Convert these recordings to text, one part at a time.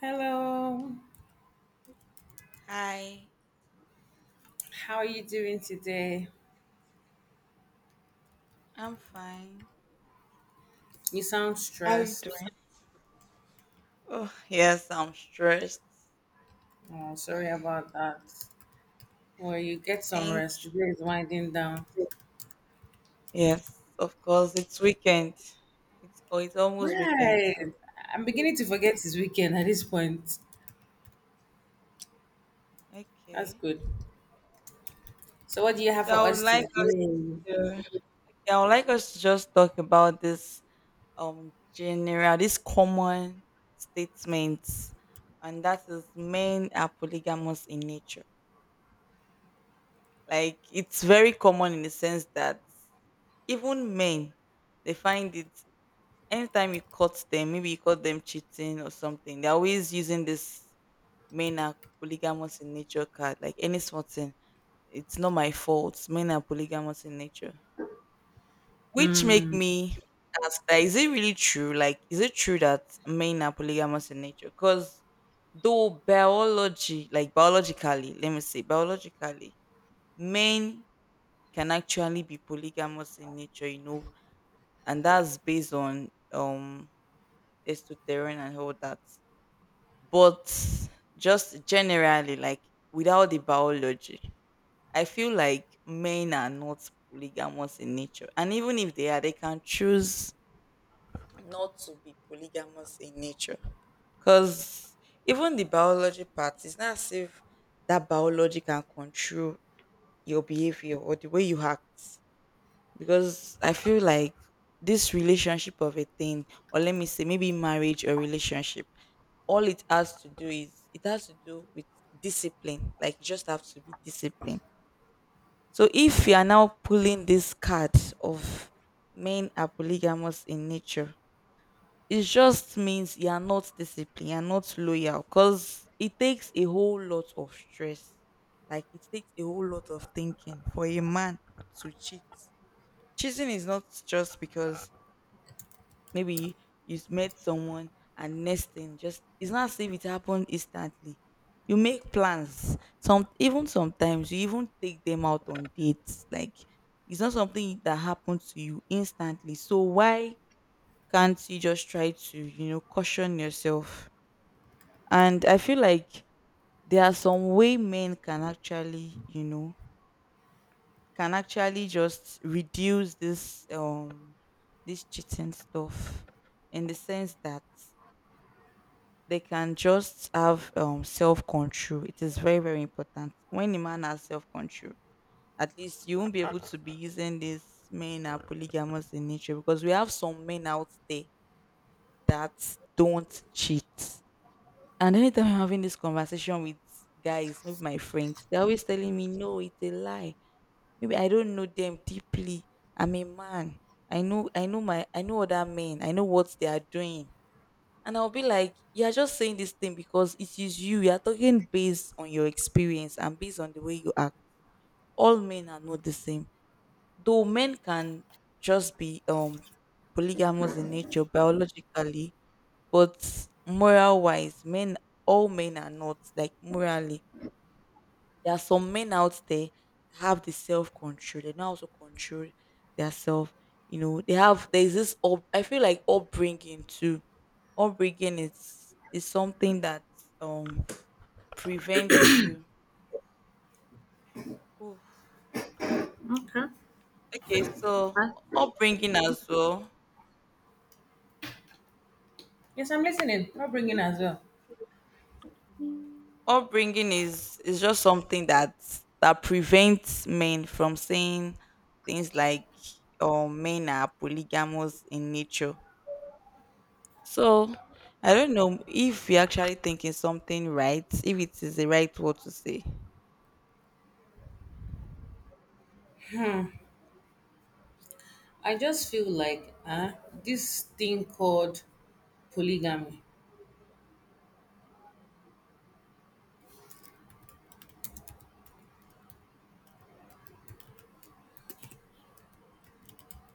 Hello, Hi, how are you doing today? I'm fine. You sound How are you stressed. doing? Oh, yes, I'm stressed. Oh, sorry about that. Well, you get some Thank rest. Today is winding down. you. Yes, of course, it's weekend. It's almost weekend, Right. so I'm beginning to forget it's weekend at this point. That's okay. good. So, what do you have So for I would us like us today? to yeah, I would like us to just talk about this general, this common statements, and that is men are polygamous in nature. Like it's very common in the sense that even men they find it anytime you caught them, maybe you caught them cheating or something, they're always using this men are polygamous in nature card, like any small thing. It's not my fault. Men are polygamous in nature. Which make Hmm. me ask, that is it really true? Like, is it true that men are polygamous in nature? Because though biology, like biologically, let me say biologically, men can actually be polygamous in nature, you know, and that's based on testosterone and all that. But just generally, like without the biology, I feel like men are not polygamous in nature. And even if they are, they can choose not to be polygamous in nature. Because even the biology part, it's not as if that biology can control your behavior or the way you act, because I feel like this relationship of a thing, or let me say, maybe marriage or relationship, all it has to do with discipline. Like you just have to be disciplined. So if you are now pulling this card of men are polygamous in nature, it just means you are not disciplined, you are not loyal, because it takes a whole lot of stress. Like it takes a whole lot of thinking for a man to cheat. Cheating is not just because maybe you met someone and next thing just, it's not as if it happened instantly. You make plans. Sometimes you even take them out on dates. Like it's not something that happens to you instantly. So why can't you just try to, caution yourself? And I feel like there are some way men can actually just reduce this cheating stuff, in the sense that they can just have self control. It is very very important. When a man has self control, at least you won't be able to be using this men are polygamous in nature, because we have some men out there that don't cheat. And anytime I'm having this conversation with guys, with my friends, they're always telling me, no, it's a lie. Maybe I don't know them deeply, I'm a man, I know other men, I know what they are doing. And I'll be like, you're just saying this thing because it is you. You're talking based on your experience and based on the way you act. All men are not the same. Though men can just be polygamous in nature biologically, but moral wise, men, all men are not like, morally, there are some men out there that have the self control. They know how to control their self. You know, they have there's this up, I feel like upbringing too. Upbringing is something that um prevents you. Oof. Okay. Okay, so Huh? upbringing as well. Yes, I'm listening. I'll bring as well. Upbringing is just something that prevents men from saying things like men are polygamous in nature. So I don't know if you're actually thinking something right, if it is the right word to say. I just feel like this thing called polygamy.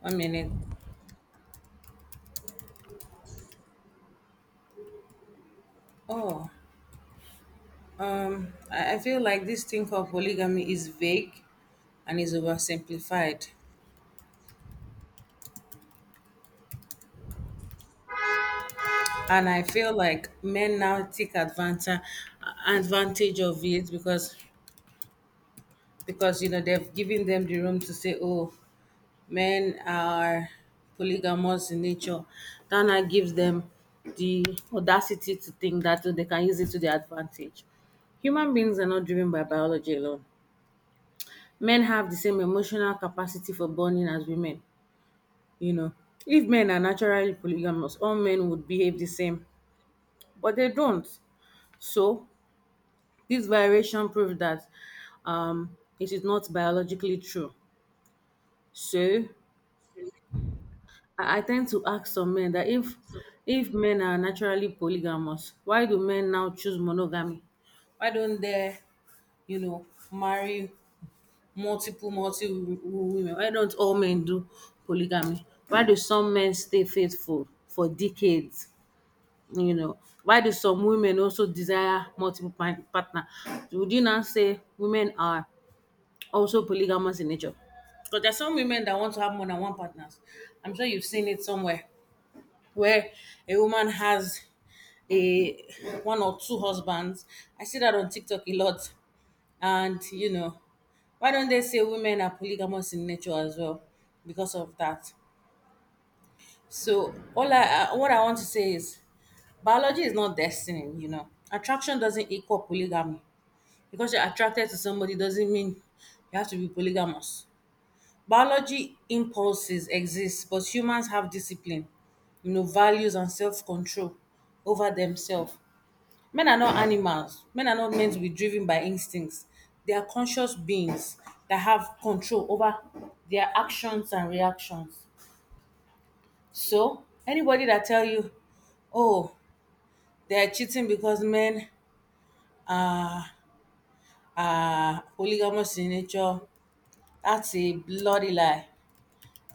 One minute. Oh, I feel like this thing called polygamy is vague and is oversimplified. And I feel like men now take advantage of it because you know they've given them the room to say, oh, men are polygamous in nature. That now gives them the audacity to think that oh, they can use it to their advantage. Human beings are not driven by biology alone. Men have the same emotional capacity for bonding as women. You know, if men are naturally polygamous, all men would behave the same, but they don't. So, this variation proves that it is not biologically true. So, I tend to ask some men that if men are naturally polygamous, why do men now choose monogamy? Why don't they, you know, marry women? Why don't all men do polygamy? Why do some men stay faithful for decades? You know, why do some women also desire partner? Would you now say women are also polygamous in nature? Because there's some women that want to have more than one partners. I'm sure you've seen it somewhere where a woman has a one or two husbands. I see that on TikTok a lot. And you know, why don't they say women are polygamous in nature as well because of that? So all I what I want to say is: biology is not destiny, you know. Attraction doesn't equal polygamy. Because you're attracted to somebody doesn't mean you have to be polygamous. Biology impulses exist, but humans have discipline, you know, values and self-control over themselves. Men are not animals. Men are not meant to be driven by instincts. They are conscious beings that have control over their actions and reactions. So anybody that tell you, oh, they are cheating because men Ah, ah, polygamous in nature. That's a bloody lie.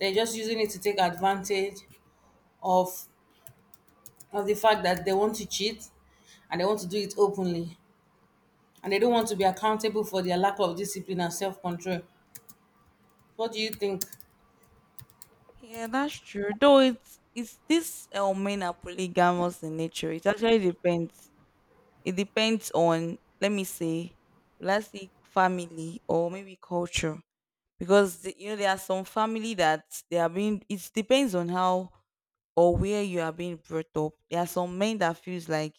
They're just using it to take advantage of the fact that they want to cheat and they want to do it openly. And they don't want to be accountable for their lack of discipline and self-control. What do you think? Yeah, that's true. Though it's this men are polygamous in nature. It actually depends. It depends on, let me say, let's say family or maybe culture. Because the, you know, there are some family that they are being. It depends on how or where you are being brought up. There are some men that feels like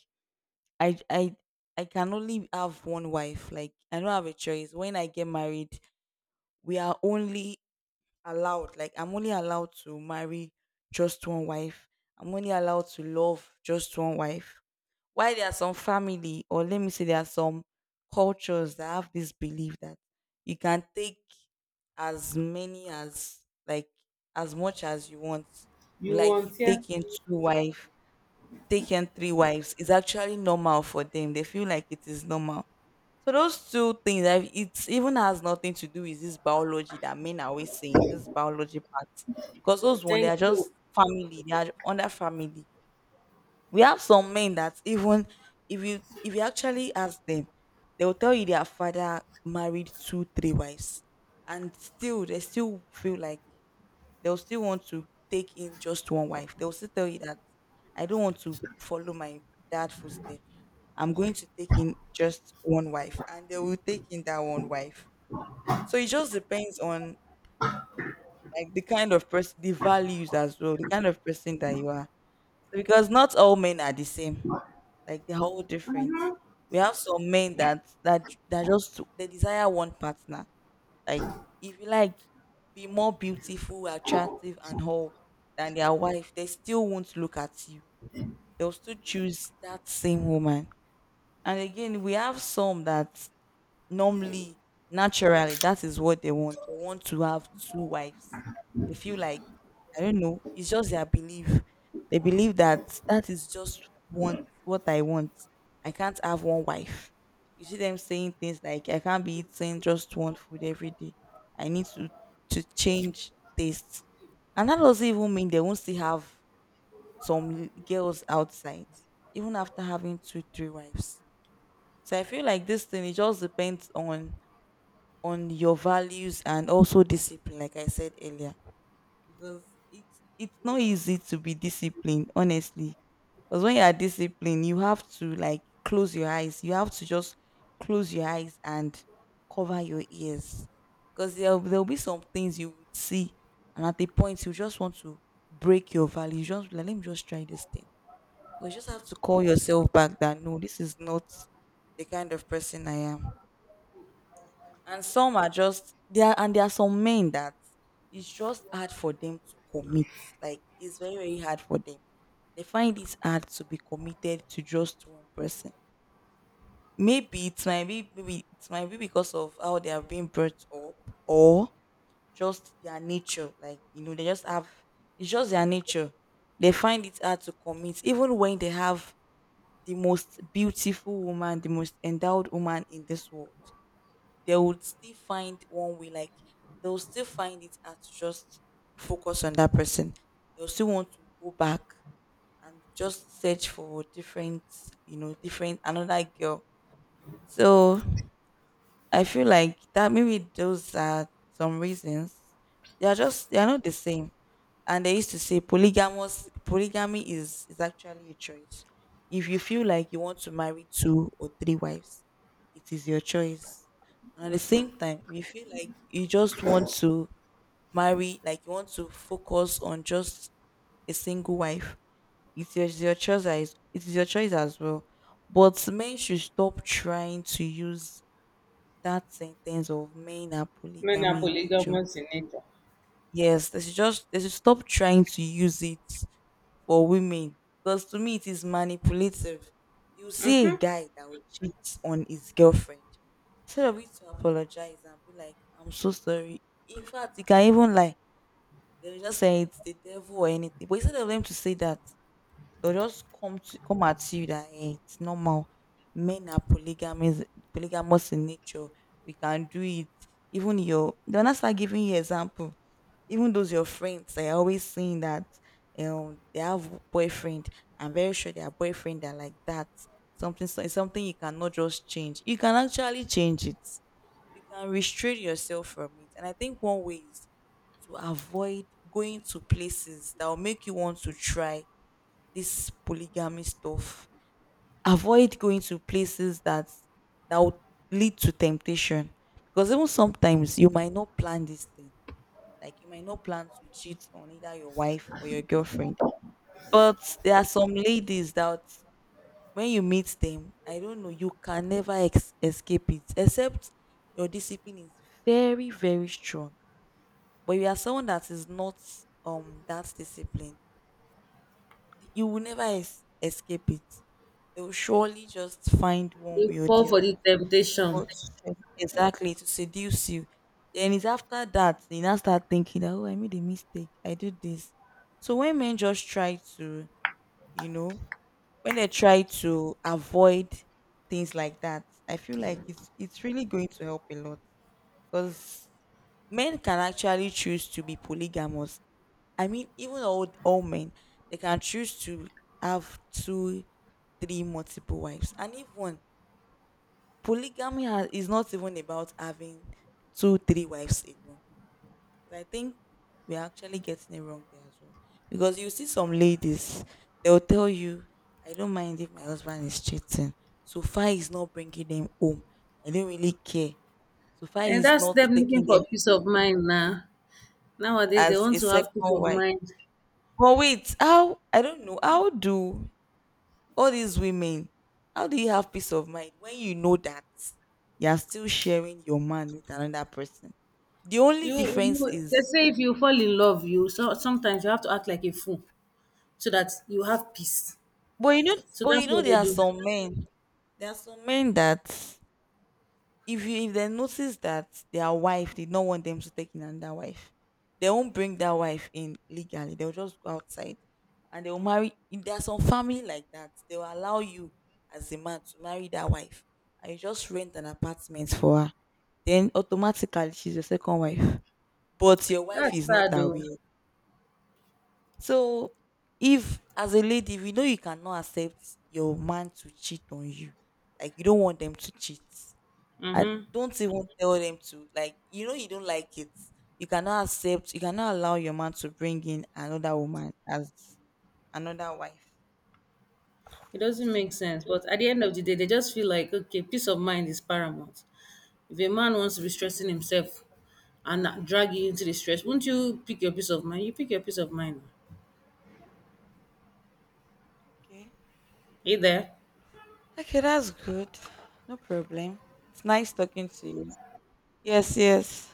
I I I can only have one wife. Like I don't have a choice. When I get married, we are only allowed. Like I'm only allowed to marry just one wife. I'm only allowed to love just one wife. Why there are some family, or let me say, there are some cultures that have this belief that you can take as many as like as much as you want. You You want here? take in two wife, taken three wives, is actually normal for them. They feel like it is normal. So those two things, like, it even has nothing to do with this biology that men are always saying, this biology part. Because those one, they Thank are you. just family. They are under family. We have some men that even if you actually ask them, they will tell you their father married two, three wives. And still, they still feel like they'll still want to take in just one wife. They'll still tell you that I don't want to follow my dad footstep. I'm going to take in just one wife, and they will take in that one wife. So it just depends on like the kind of person, the values as well, the kind of person that you are. Because not all men are the same. Like they're all different. We have some men that just they desire one partner, like if you like be more beautiful, attractive and whole than their wife, they still won't look at you. They'll still choose that same woman. And again, we have some that normally naturally that is what They want to have two wives. They feel like, I don't know, it's just their belief. They believe that is just what I want. I can't have one wife. You see them saying things like, I can't be eating just one food every day. I need to change taste. And that doesn't even mean they won't still have some girls outside, even after having two three wives. So I feel like this thing, it just depends on your values, and also discipline, like I said earlier. Because it's not easy to be disciplined, honestly. Because when you are disciplined, you have to like close your eyes. You have to just close your eyes and cover your ears, because there'll be some things you would see, and at the point you just want to break your values. You just be like, let me just try this thing, but you just have to call yourself back that no, this is not the kind of person I am. And some are just there, and there are some men that it's just hard for them to commit. Like it's very very hard for them. They find it hard to be committed to just one person. Maybe it might be because of how they have been brought up, or just their nature. Like, you know, they just have, it's just their nature. They find it hard to commit, even when they have the most beautiful woman, the most endowed woman in this world. They would still find one way. Like, they'll still find it hard to just focus on that person. They'll still want to go back and just search for different you know different another girl. So I feel like that maybe those are some reasons. They are just, they are not the same. And they used to say polygamous polygamy is actually a choice. If you feel like you want to marry two or three wives, it is your choice. And at the same time, if you feel like you just want to marry, like you want to focus on just a single wife, it's your choice. It is your choice as well. But men should stop trying to use that sentence of men are Men are polygamy in nature. polygamous in nature. Yes, they should stop trying to use it for women, because to me it is manipulative. You see a guy that will cheat on his girlfriend, instead of you to apologize and be like, "I'm so sorry." In fact, you can even like, they'll just say it's the devil or anything. But instead of them to say that, they'll just come at you that, "Eh, it's normal. Men are polygamous in nature. We can do it." Even your, they'll not start giving you example. Even those your friends, they're always saying that they have boyfriend. I'm very sure their boyfriend are like that. Something you cannot just change. You can actually change it. You can restrain yourself from it. And I think one way is to avoid going to places that will make you want to try this polygamy stuff. Avoid going to places that would lead to temptation. Because even sometimes you might not plan this thing. Like, you might not plan to cheat on either your wife or your girlfriend. But there are some ladies that when you meet them, I don't know, you can never escape it. Except your discipline is very, very strong. But you are someone that is not that disciplined, you will never escape it. They will surely just find one They way or fall the for the other, you know, temptation. to exactly to seduce you. Then it's after that you now start thinking that, oh, I made a mistake. I did this. So when men just try to, you know, when they try to avoid things like that, I feel like it's really going to help a lot, because men can actually choose to be polygamous. I mean, even old men, they can choose to have two, three multiple wives. And even polygamy is not even about having two, three wives alone. I think we're actually getting it wrong there as well. Because you see some ladies, they'll tell you, I don't mind if my husband is cheating. So far, he's not bringing them home. I don't really care. So far, And he's that's not them looking taking for peace them of mind now. Nowadays, they as a want to second have peace of wife. mind. But wait, how, I don't know, how do, all these women, how do you have peace of mind when you know that you're still sharing your man with another person? The only You difference you they is, say if you fall in love, you so sometimes you have to act like a fool so that you have peace. but you know, So but you that's know, what they there are do. Some men that if they notice that their wife did not want them to take in another wife, they won't bring that wife in legally. They'll just go outside and they'll marry. If there's some family like that, they will allow you as a man to marry that wife, and you just rent an apartment for her. Then automatically she's your second wife, but your wife That's is not sad aware. though. So if as a lady, if you know you cannot accept your man to cheat on you, like you don't want them to cheat, I Mm-hmm. don't even tell them to, like, you know, you don't like it. You cannot accept. You cannot allow your man to bring in another woman as another wife. It Oh, this doesn't thing make is going sense. to- But at the end of the day, they just feel like okay, peace of mind is paramount. If a man wants to be stressing himself and not drag you into the stress, won't you pick your peace of mind? You pick your peace of mind. Okay. Hey there. Okay, that's good. No problem. It's nice talking to you. Yes, yes.